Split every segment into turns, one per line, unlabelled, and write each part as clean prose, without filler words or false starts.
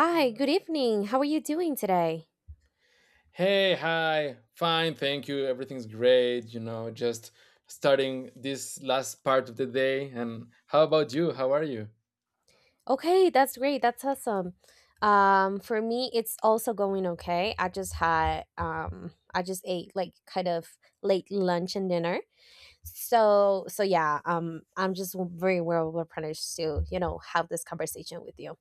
Hi, good evening. How are you doing today?
Hey, hi. Fine, thank you. Everything's great, you know, just starting this last part of the day. And how about you? How are you?
Okay, that's great. That's awesome. For me, it's also going okay. I just had I just ate like kind of late lunch and dinner. So yeah, I'm just very well replenished to have this conversation with you.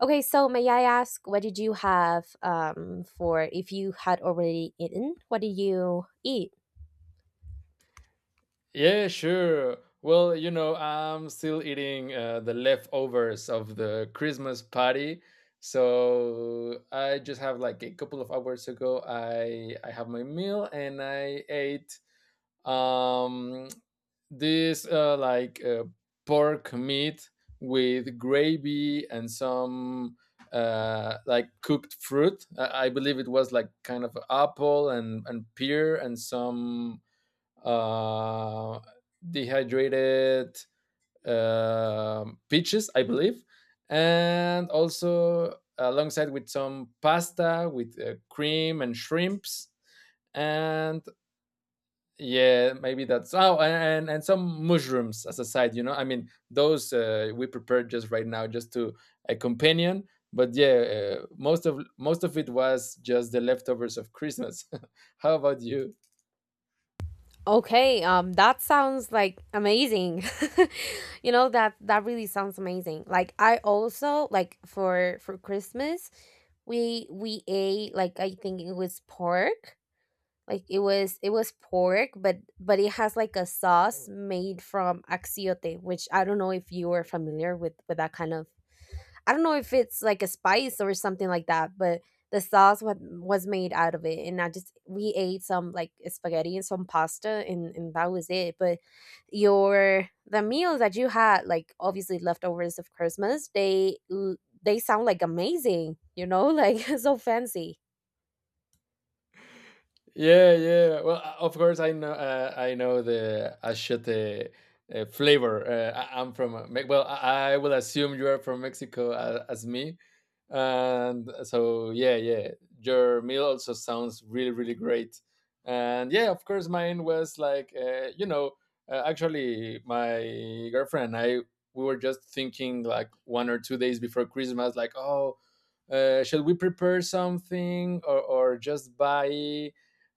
Okay, so may I ask, what did you have for if you had already eaten? What did you eat?
Yeah, sure. Well, you know, I'm still eating the leftovers of the Christmas party. So I just have, like, a couple of hours ago, I have my meal, and I ate um this pork meat with gravy and some like cooked fruit. I believe it was like kind of apple and pear, and some uh dehydrated peaches, I believe, and also alongside with some pasta with cream and shrimps. And yeah, maybe that's— oh, and some mushrooms as a side, you know, I mean those we prepared just right now, just to a companion. But yeah, most of it was just the leftovers of Christmas. How about you?
Okay, that sounds like amazing. You know, that really sounds amazing. Like I also like for Christmas, we ate like I think it was pork. Like it was pork, but it has like a sauce made from axiote, which I don't know if you are familiar with that kind of I don't know if it's like a spice or something like that, but the sauce was made out of it. And I just, we ate some like spaghetti and some pasta and that was it. But your, the meals that you had, like obviously leftovers of Christmas, they sound like amazing, you know, like so fancy.
Yeah, yeah. Well, of course, I know. I know the achiote flavor. I'm from— well, I will assume you are from Mexico, as me, and so yeah, yeah. Your meal also sounds really, really great, and yeah, of course, mine was like you know. Actually, my girlfriend and I, we were just thinking like 1 or 2 days before Christmas, like, oh. Should we prepare something, or just buy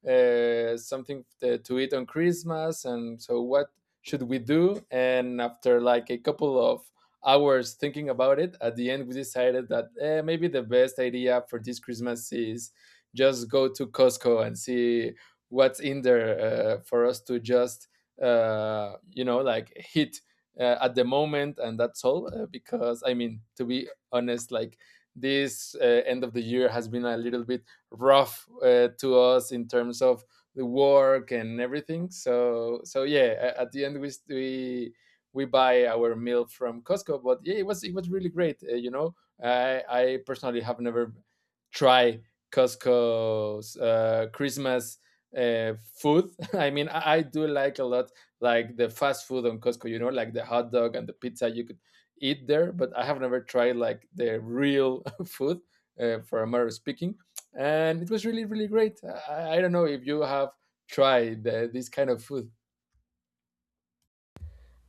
something to eat on Christmas, and so what should we do? And after like a couple of hours thinking about it, at the end we decided that maybe the best idea for this Christmas is just go to Costco and see what's in there for us to just you know, like hit at the moment, and that's all. Because I mean, to be honest, like this end of the year has been a little bit rough to us in terms of the work and everything. So so yeah, at the end we buy our milk from Costco. But yeah, it was really great. You know, I personally have never tried Costco's Christmas uh, food. I mean, I do like a lot, like the fast food on Costco. You know, like the hot dog and the pizza you could eat there. But I have never tried like the real food. For a matter of speaking, and it was really, really great. I don't know if you have tried this kind of food.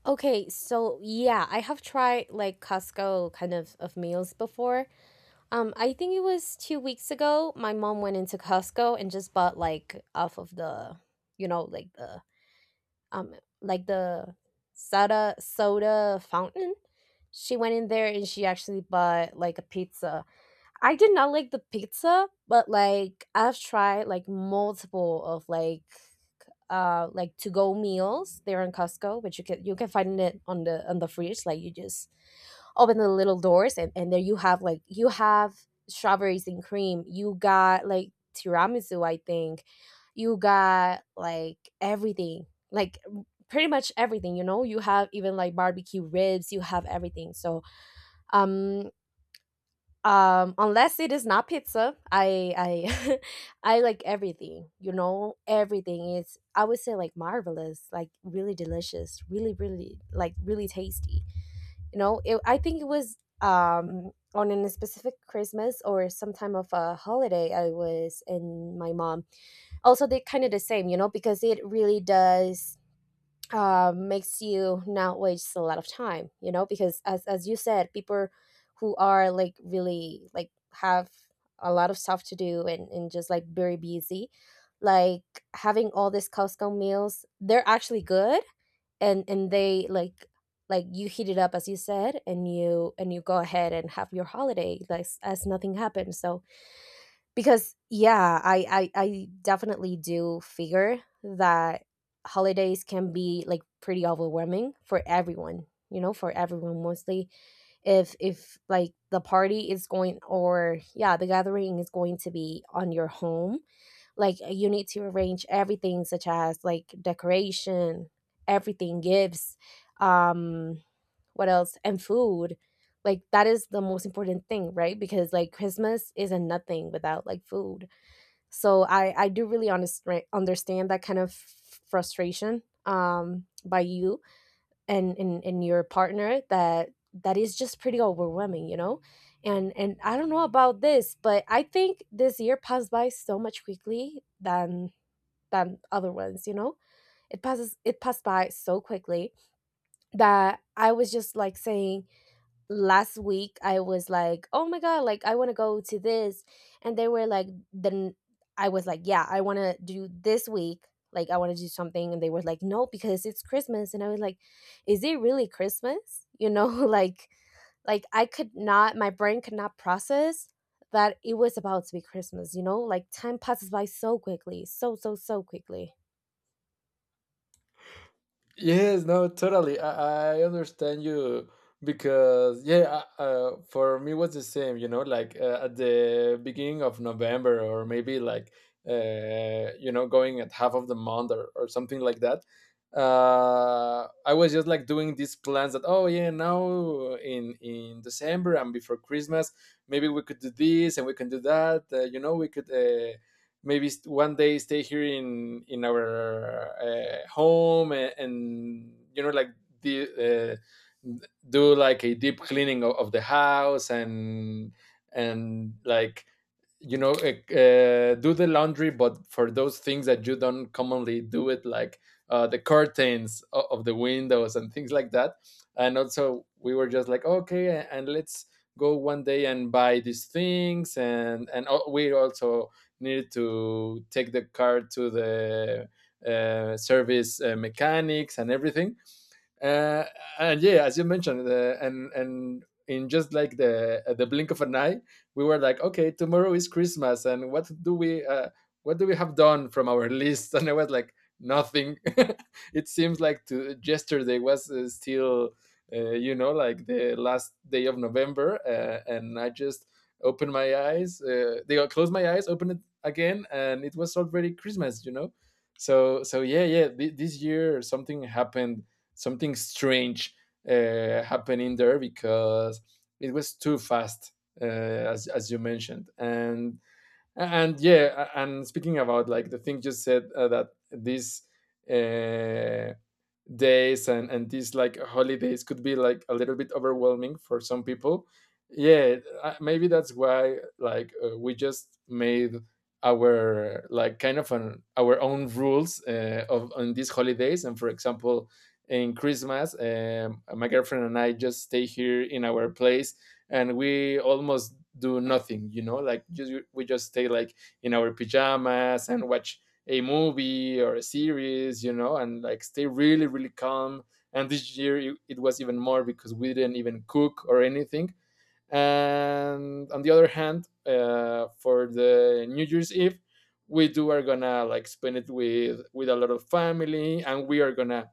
Okay, so yeah, I have tried like Costco kind of meals before. I think it was 2 weeks ago. My mom went into Costco and just bought like off of the, you know, um, like the soda fountain. She went in there and she actually bought like a pizza. I did not like the pizza, but like I've tried like multiple of like to go meals there in Costco, which you can find it on the fridge. Like you just open the little doors and there you have like you have strawberries and cream, you got like tiramisu, I think. You got like everything, like pretty much everything, you know, you have even like barbecue ribs, you have everything. So um unless it is not pizza, I I like everything, you know, everything is, I would say, like marvelous, like really delicious, really really, like really tasty, you know it, I think it was on a specific Christmas or some time of a holiday. I was in my mom, also they kind of the same, you know, because it really does makes you not waste a lot of time, you know, because as you said, people who are like really like have a lot of stuff to do and just like very busy like having all these Costco meals, they're actually good. And they like you heat it up, as you said, and you go ahead and have your holiday like as nothing happened. So because yeah, I definitely do figure that holidays can be like pretty overwhelming for everyone, you know, for everyone, mostly if like the party is going, or yeah, the gathering is going to be on your home. Like you need to arrange everything such as like decoration, everything, gifts, um what else, and food. Like that is the most important thing, right? Because like Christmas isn't nothing without like food. So I do really understand that kind of frustration, by you and in your partner, that that is just pretty overwhelming, you know. And I don't know about this, but I think this year passed by so much quickly than other ones, you know, it passes it passed by so quickly that I was just like saying last week I was like, "Oh my god, like I want to go to this." And they were like, then I was like, "Yeah, I want to do this week. Like I want to do something." And they were like, "No, because it's Christmas." And I was like, "Is it really Christmas?" You know, like I could not, my brain could not process that it was about to be Christmas, you know? Like time passes by so quickly, so so so quickly.
Yes, no, totally. I understand you, because yeah, for me was the same. You know, like at the beginning of November, or maybe like you know, going at half of the month, or something like that. I was just like doing these plans that, oh yeah, now in December and before Christmas, maybe we could do this and we can do that. You know, we could. Maybe one day stay here in our home, and, you know, like the, do like a deep cleaning of the house, and like, you know, do the laundry, but for those things that you don't commonly do it, like the curtains o- of the windows and things like that. And also we were just like, okay, and let's go one day and buy these things, and al- we also needed to take the car to the service, mechanics, and everything, uh, and yeah, as you mentioned, and in just like the at the blink of an eye, we were like, okay, tomorrow is Christmas, and what do we have done from our list? And I was like, nothing. It seems like to yesterday was still, you know, like the last day of November, and I just opened my eyes. They closed my eyes, opened it again, and it was already Christmas. You know, so so yeah, yeah. This year something happened, something strange happening there, because it was too fast, uh, as you mentioned, and yeah and speaking about like the thing you said, that these uh, days and these like holidays could be like a little bit overwhelming for some people. Yeah, maybe that's why like we just made our like kind of an, our own rules of on these holidays. And for example, in Christmas, my girlfriend and I just stay here in our place, and we almost do nothing, you know, like just we just stay like in our pajamas and watch a movie or a series, you know, and like stay really, really calm. And this year it was even more, because we didn't even cook or anything. And on the other hand, for the New Year's Eve, we do are gonna like spend it with a lot of family, and we are gonna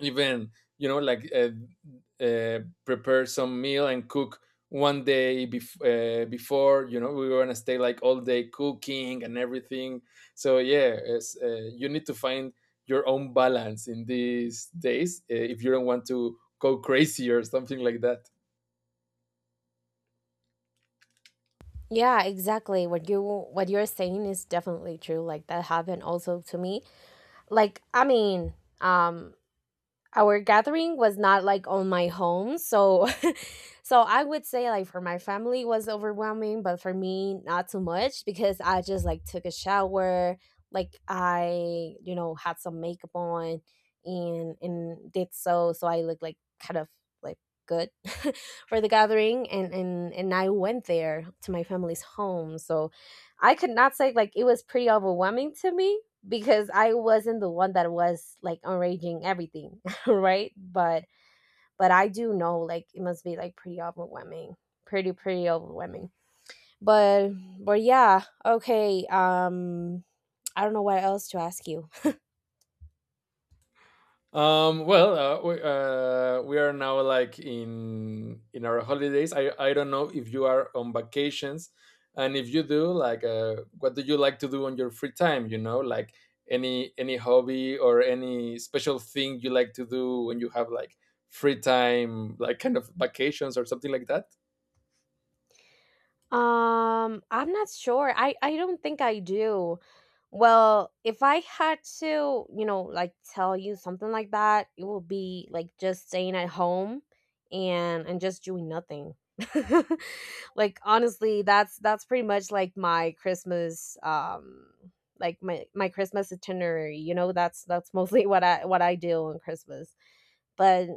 even, you know, like prepare some meal and cook one day before, you know, we were gonna stay like all day cooking and everything. So yeah, it's, you need to find your own balance in these days, if you don't want to go crazy or something like that.
Yeah, exactly. What you what you're saying is definitely true. Like that happened also to me, like I mean, um our gathering was not like on my home. So so I would say like for my family it was overwhelming, but for me not too much, because I just like took a shower, like I, you know, had some makeup on and did so, so I looked like kind of like good for the gathering. And and I went there to my family's home, so I could not say like it was pretty overwhelming to me, because I wasn't the one that was like arranging everything. right? But I do know like it must be like pretty overwhelming. Pretty overwhelming. But but yeah, okay. I don't know what else to ask you.
Well, we are now like in our holidays. I don't know if you are on vacations, and if you do, like, what do you like to do on your free time? You know, like any hobby or any special thing you like to do when you have like free time, like kind of vacations or something like that.
I'm not sure. I don't think I do. Well, if I had to, you know, like tell you something like that, it would be like just staying at home and just doing nothing. like honestly, that's pretty much like my Christmas, like my Christmas itinerary, you know, that's mostly what I do on Christmas. But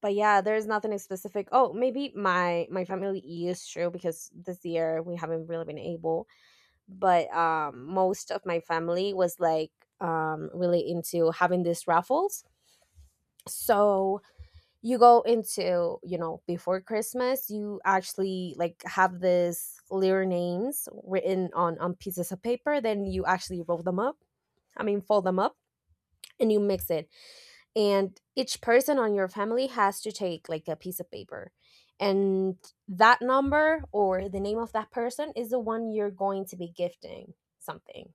but yeah, there's nothing specific. Oh, maybe my family is true, because this year we haven't really been able. But most of my family was like really into having these raffles. So you go into, you know, before Christmas, you actually like have these letter names written on pieces of paper. Then you actually roll them up. I mean, fold them up, and you mix it, and each person on your family has to take like a piece of paper, and that number or the name of that person is the one you're going to be gifting something.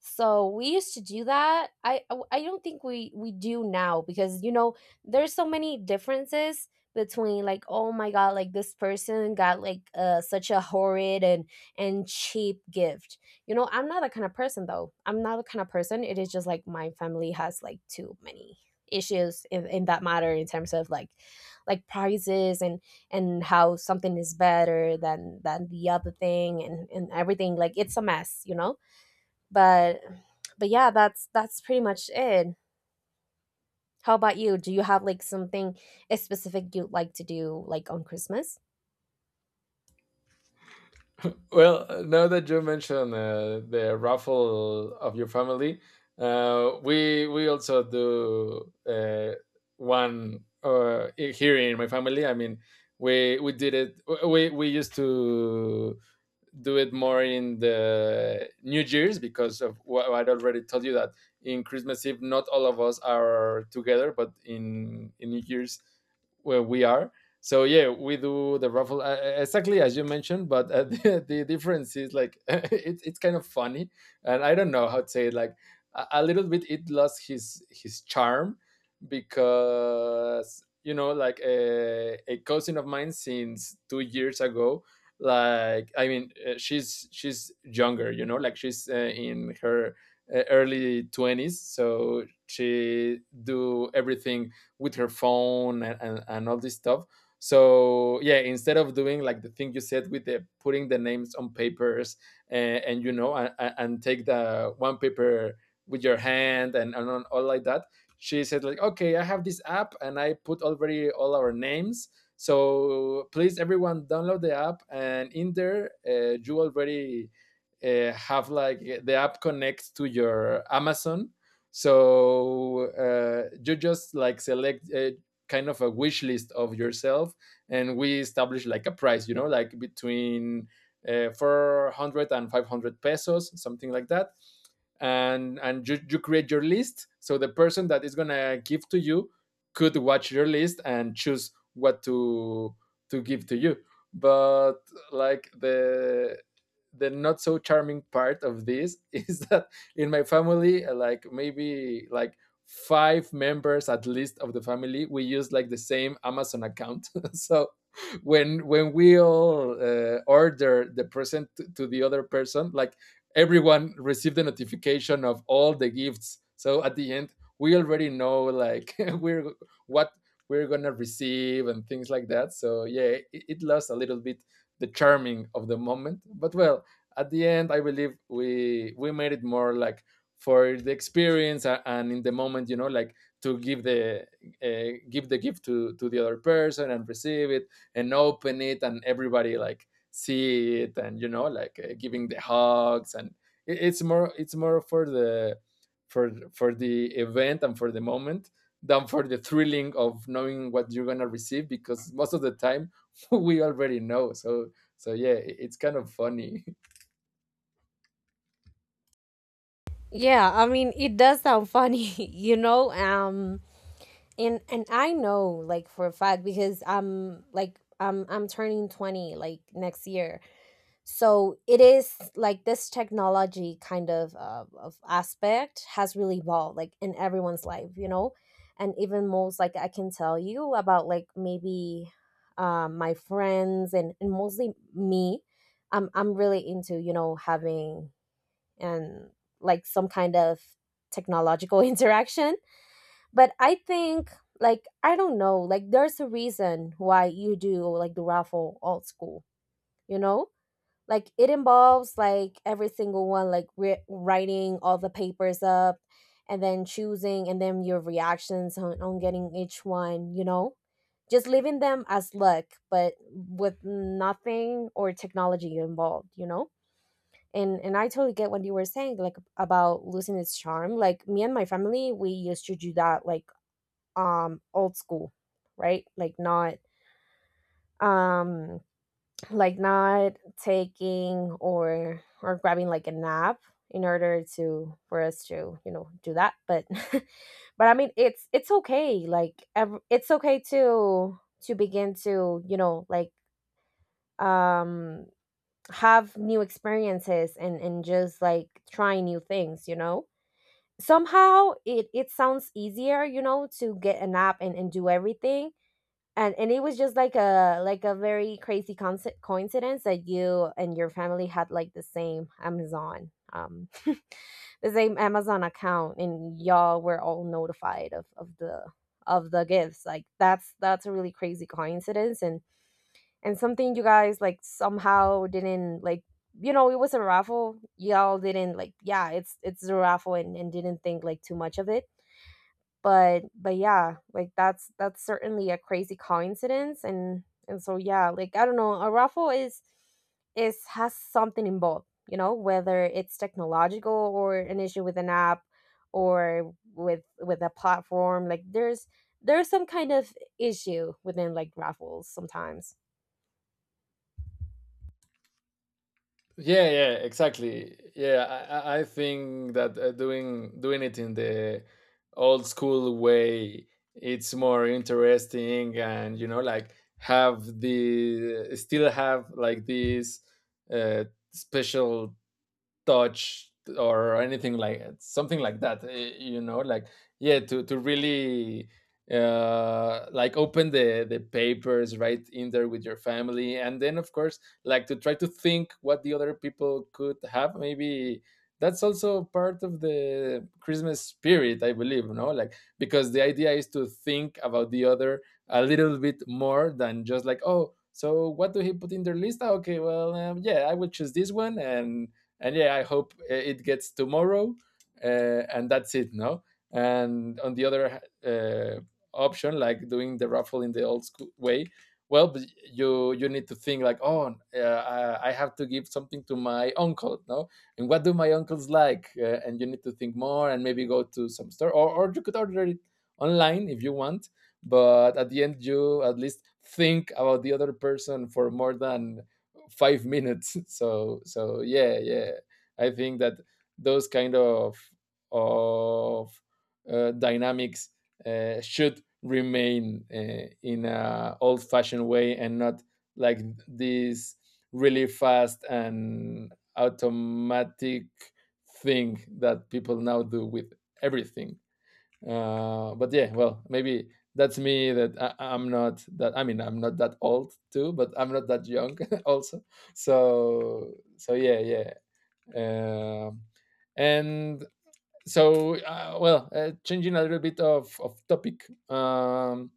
So we used to do that. I don't think we do now, because you know there's so many differences between like, oh my god, like this person got like such a horrid and cheap gift. You know, I'm not that kind of person, though. I'm not the kind of person. It is just like my family has like too many issues in that matter, in terms of like prices and how something is better than the other thing, and everything, like it's a mess, you know. but but yeah, that's pretty much it. How about you, do you have like something specific you'd like to do like on Christmas?
Well, now that you mentioned the raffle of your family, we also do one, here in my family. I mean, we did it. We used to do it more in the New Year's, because of what I'd already told you, that in Christmas Eve not all of us are together, but in New Year's, where we are. So yeah, we do the raffle exactly as you mentioned, but the difference is like it's kind of funny, and I don't know how to say it. Like a little bit, it lost his charm, because you know, like a cousin of mine since 2 years ago. Like I mean, she's younger, you know, like she's in her early twenties, so she do everything with her phone, and all this stuff. So yeah, instead of doing like the thing you said with the putting the names on papers, and you know, and take the one paper with your hand, and on- all like that, she said like, okay, I have this app, and I put already all our names, so please everyone download the app, and in there, you already have, like, the app connects to your Amazon. So you just like select a kind of a wish list of yourself, and we establish like a price, you know, like between 400 pesos, something like that. And you, you create your list, so the person that is gonna give to you could watch your list and choose what to give to you. But like the not so charming part of this is that in my family like maybe like five members at least of the family, we use like the same Amazon account. So when we all order the present to the other person, like everyone received the notification of all the gifts. So at the end we already know, like we're— what we're gonna receive, and things like that. So yeah, it lost a little bit the charming of the moment, but well, at the end I believe we made it more like for the experience, and in the moment, you know, like to give the gift to the other person and receive it and open it, and everybody like see it, and you know, like giving the hugs, and it's more, it's more for the, for the event and for the moment, than for the thrilling of knowing what you're gonna receive, because most of the time we already know. So so yeah, it's kind of funny.
Yeah, I mean, it does sound funny, you know. And I know, like for a fact, because I'm like I'm turning 20 like next year. So it is like this technology kind of aspect has really evolved like in everyone's life, you know. And even most, like I can tell you about like maybe, my friends and mostly me, I'm really into, you know, having and like some kind of technological interaction. But I think like I don't know, like there's a reason why you do like the raffle old school, you know, like it involves like every single one like writing all the papers up, and then choosing, and then your reactions on getting each one, you know, just leaving them as luck, but with nothing or technology involved, you know. And I totally get what you were saying, like about losing its charm. Like me and my family, we used to do that like old school, right, um like not taking or grabbing like a nap in order to for us to, you know, do that. But but I mean, it's okay, like it's okay to begin to, you know, like um have new experiences, and just like try new things, you know. Somehow it it sounds easier, you know, to get a nap and do everything. And it was just like a, like a very crazy coincidence that you and your family had like the same Amazon, the same Amazon account, and y'all were all notified of the gifts. Like that's a really crazy coincidence. And something you guys like somehow didn't like, you know, it was a raffle, y'all didn't like, yeah, it's a raffle, and didn't think like too much of it. But yeah, like that's certainly a crazy coincidence. And so yeah, like I don't know, a raffle is has something involved, you know, whether it's technological or an issue with an app or with a platform. Like there's some kind of issue within like raffles sometimes.
Yeah, yeah, exactly. Yeah, I think that doing it in the old school way, it's more interesting, and like have the still have like this uh, special touch or anything like something like that, like yeah, to really like open the papers right in there with your family. And then of course, like, to try to think what the other people could have maybe, that's also part of the Christmas spirit, I believe, no, like, because the idea is to think about the other a little bit more than just like, oh, so what do he put in their list? Ah, okay, well, yeah, I will choose this one, and yeah, I hope it gets tomorrow, and that's it, no. And on the other uh, option, like doing the raffle in the old school way, well, but you need to think like, oh, I have to give something to my uncle, no, and what do my uncles like, and you need to think more and maybe go to some store, or you could order it online if you want. But at the end you at least think about the other person for more than 5 minutes. So yeah, yeah, I think that those kind of dynamics should remain in a old fashioned way and not like this really fast and automatic thing that people now do with everything, but yeah, well, maybe that's me. That I'm not that, I mean, I'm not that old too, but I'm not that young, also. So yeah, yeah. um and so, well, changing a little bit of topic.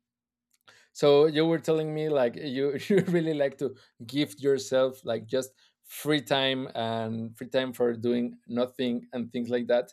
So you were telling me, like, you you really like to give yourself, like, just free time and free time for doing nothing and things like that,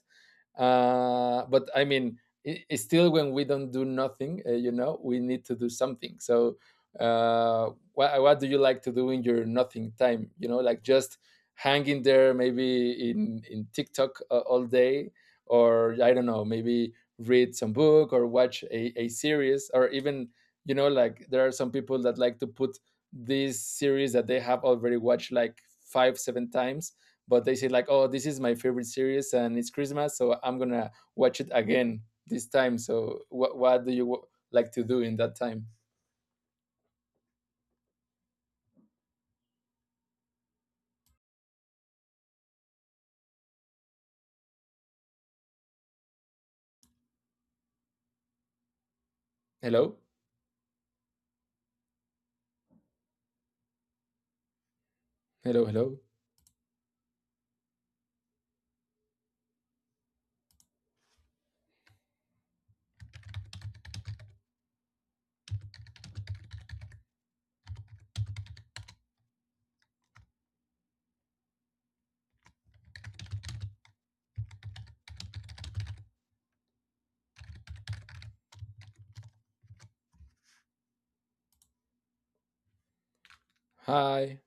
but I mean, still when we don't do nothing, we need to do something, so what do you like to do in your nothing time? You know like just hanging there, maybe in TikTok all day, or I don't know, maybe read some book or watch a series, or even, like there are some people that like to put these series that they have already watched like 5, 7 times, but they say like, oh, this is my favorite series and it's Christmas, so I'm gonna watch it again this time. So, what do you like to do in that time? Hello? Hello, hello? Hi.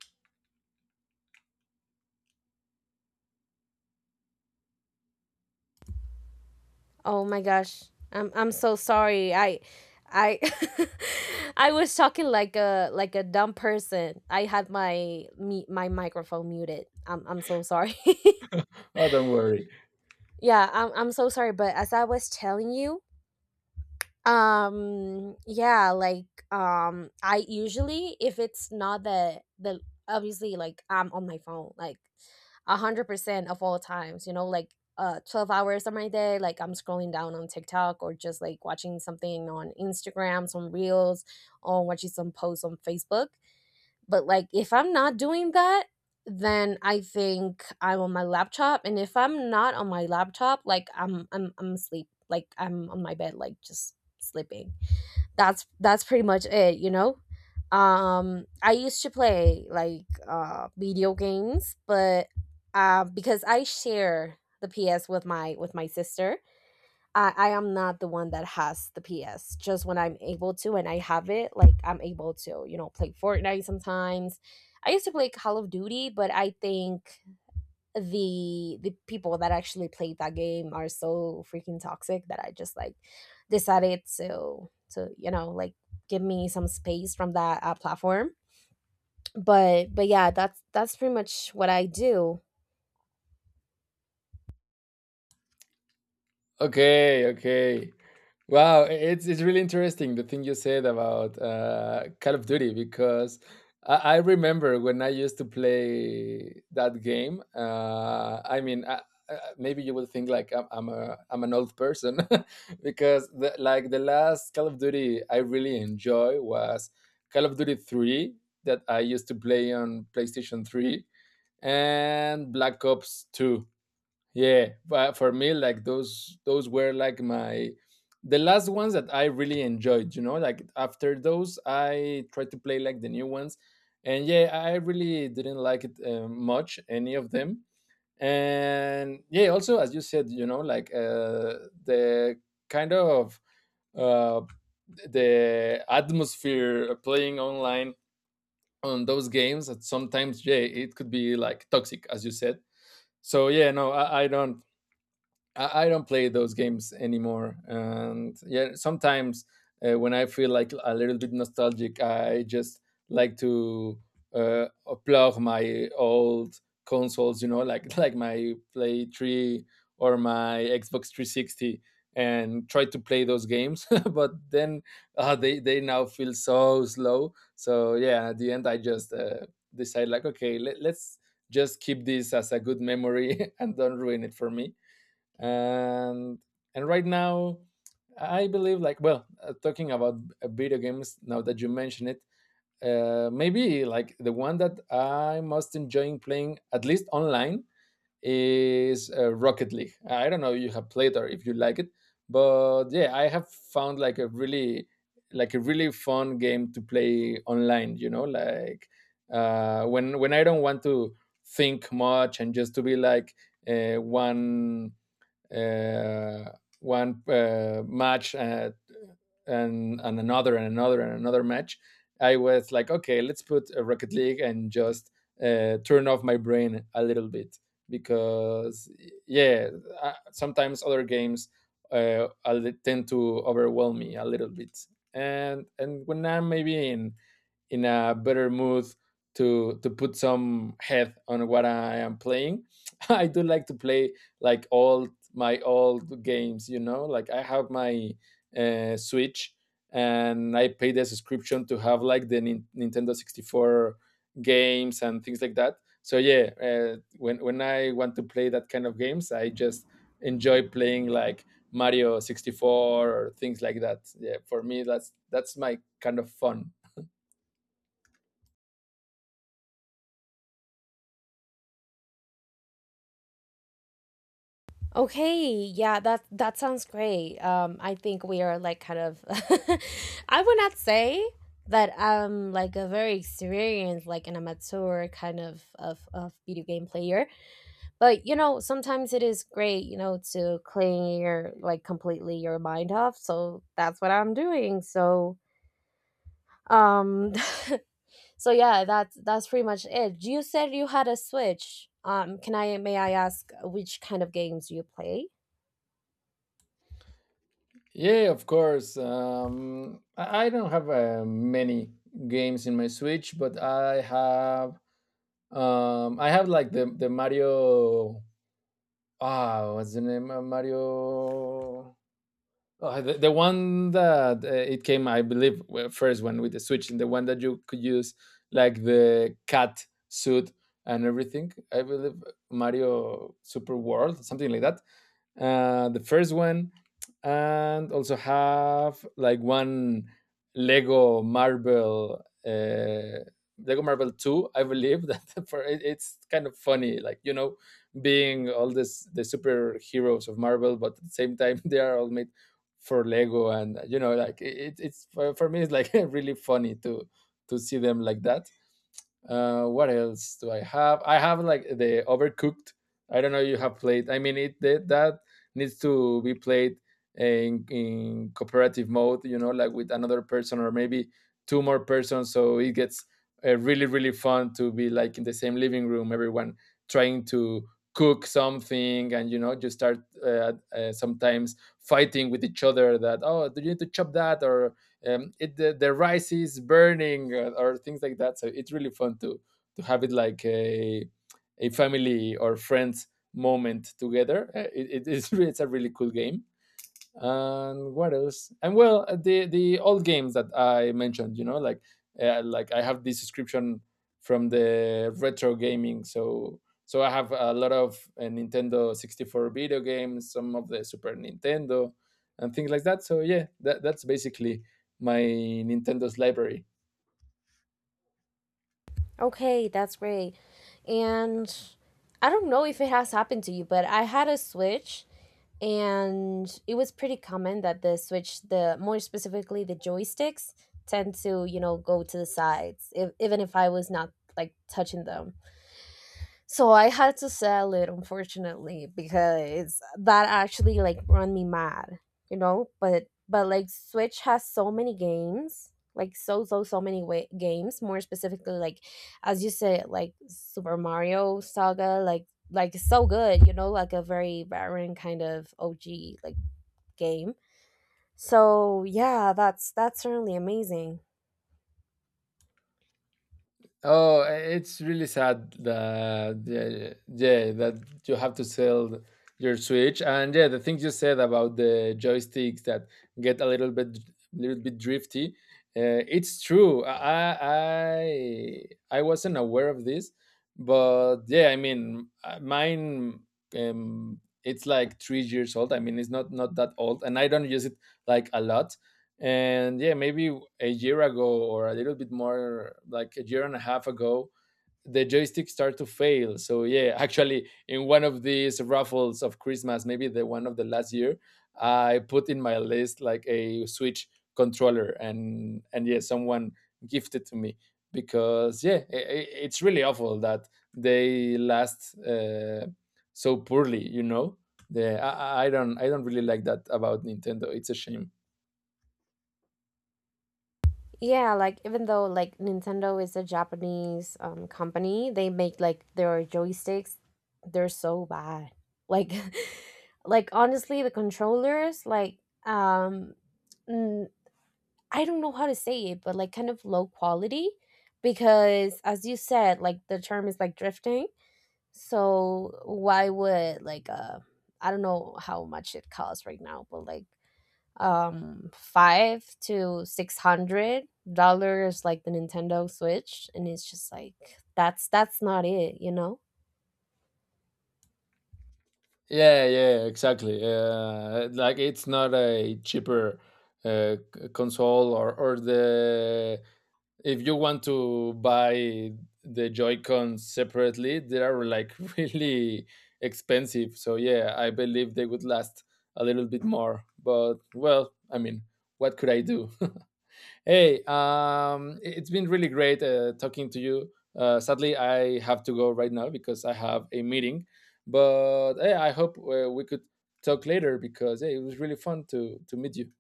Oh my gosh. I'm so sorry. I I was talking like a dumb person. I had my microphone muted. I'm so sorry.
Oh, don't worry.
Yeah, I'm so sorry, but as I was telling you, um yeah like I usually, if it's not the obviously, like I'm on my phone like 100% of all times, you know, like 12 hours of my day, like I'm scrolling down on TikTok or just like watching something on Instagram, some reels, on watching some posts on Facebook. But like if I'm not doing that, then I think I'm on my laptop. And if I'm not on my laptop, like I'm asleep. Like I'm on my bed, like just sleeping. That's pretty much it, you know? I used to play like video games, but because I share the PS with my sister. I am not the one that has the PS. Just when I'm able to and I have it, like I'm able to, you know, play Fortnite sometimes. I used to play Call of Duty, but I think the people that actually played that game are so freaking toxic that I just like decided to you know like give me some space from that platform. But yeah, that's pretty much what I do.
Okay, okay. Wow, it's really interesting the thing you said about Call of Duty, because I remember when I used to play that game. I mean, maybe you would think like I'm an old person, because like the last Call of Duty I really enjoy was Call of Duty Three that I used to play on PlayStation Three and Black Ops Two. Yeah, but for me, like those were like my the last ones that I really enjoyed. You know, like after those, I tried to play like the new ones, and yeah, I really didn't like it much, any of them. And yeah, also as you said, you know, like the kind of uh, the atmosphere playing online on those games. That sometimes, yeah, it could be like toxic, as you said. So yeah, no, I don't play those games anymore. And yeah, sometimes when I feel like a little bit nostalgic, I just like to uh, plug my old consoles, you know, like like my Play Three or my Xbox 360, and try to play those games. But then they now feel so slow. So yeah, at the end, I just decide like, okay, let's just keep this as a good memory and don't ruin it for me, and and right now, I believe, like, well, talking about video games, now that you mention it, maybe like the one that I most enjoying playing, at least online, is Rocket League. I don't know if you have played or if you like it, but yeah, I have found like a really fun game to play online, you know, like when I don't want to think much and just to be like uh, one uh, one match, and another and another and another match. I was like, okay, let's put a Rocket League and just turn off my brain a little bit, because yeah, sometimes other games I tend to overwhelm me a little bit, and when I'm maybe in a better mood to put some head on what I am playing. I do like to play, like, all my old games, you know. Like, I have my Switch, and I pay the subscription to have like the Nintendo 64 games and things like that. So yeah, when I want to play that kind of games, I just enjoy playing like Mario 64 or things like that. Yeah, for me that's my kind of fun.
Okay, yeah, that that sounds great. I think we are like kind of I would not say that I'm like a very experienced, like an amateur kind of, of video game player. But you know, sometimes it is great, you know, to clear like completely your mind off. So that's what I'm doing. So um so yeah, that's pretty much it. You said you had a Switch. Can I may I ask which kind of games you play?
Yeah, of course. I don't have many games in my Switch, but I have like the Mario. Ah, what's the name? Mario. The one that it came, I believe, well, first one with the Switch, and the one that you could use, like, the cat suit and everything. I believe Mario Super World, something like that. The first one, and also have like one Lego Marvel, uh, Lego Marvel Two. I believe that. For it's kind of funny, like, you know, being all this the superheroes of Marvel, but at the same time, they are all made for Lego, and you know, like for me, it's like, really funny to see them like that. What else do I have? I have like the Overcooked. I don't know you have played. I mean, that needs to be played in cooperative mode. You know, like with another person or maybe two more persons. So it gets really, really fun to be like in the same living room, everyone trying to cook something, and you know, just start sometimes fighting with each other. That, oh, do you need to chop that, or the rice is burning, or things like that, so it's really fun to have it like a family or friends moment together. It is, it's a really cool game. And what else, and well, the old games that I mentioned, you know, like I have this subscription from the retro gaming, so I have a lot of Nintendo 64 video games, some of the Super Nintendo and things like that. So yeah, that's basically my Nintendo's library.
Okay, that's great. And I don't know if it has happened to you, but I had a Switch, and it was pretty common that the Switch, the more specifically the joysticks tend to, you know, go to the sides, if, even if I was not like touching them. So I had to sell it, unfortunately, because that actually like run me mad, you know. But like Switch has so many games, like so many games. More specifically, like as you said, like Super Mario Saga, like it's so good, you know, like a very barren kind of OG like game. So yeah, that's certainly amazing.
Oh, it's really sad that, yeah, yeah, that you have to sell your Switch, and yeah, the things you said about the joysticks that get a little bit drifty. It's true. I wasn't aware of this, but yeah, I mean, mine. It's like 3 years old. I mean, it's not that old, and I don't use it like a lot, and yeah, maybe a year ago or a little bit more, like a year and a half ago, the joystick started to fail. So yeah, actually, in one of these raffles of Christmas, maybe the one of the last year, I put in my list like a Switch controller, and yeah, someone gifted to me, because yeah, it's really awful that they last so poorly, you know. The I don't really like that about Nintendo. It's a shame.
Yeah, like even though like Nintendo is a Japanese company, they make like their joysticks, they're so bad. Like like honestly, the controllers like um mm, I don't know how to say it, but like kind of low quality, because as you said, like the term is like drifting. So why would like I don't know how much it costs right now, but like five to six hundred dollars, like the Nintendo Switch, and it's just like, that's not it, you know?
Yeah, yeah, exactly. Like, it's not a cheaper console, or the if you want to buy the Joy-Cons separately, they are like, really expensive. So yeah, I believe they would last a little bit more. But well, I mean, what could I do? Hey, it's been really great talking to you. Sadly, I have to go right now because I have a meeting. But hey, I hope we could talk later, because hey, it was really fun to meet you.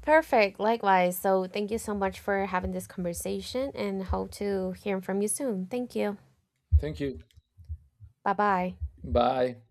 Perfect, likewise. So thank you so much for having this conversation, and hope to hear from you soon. Thank you.
Thank you.
Bye bye.
Bye.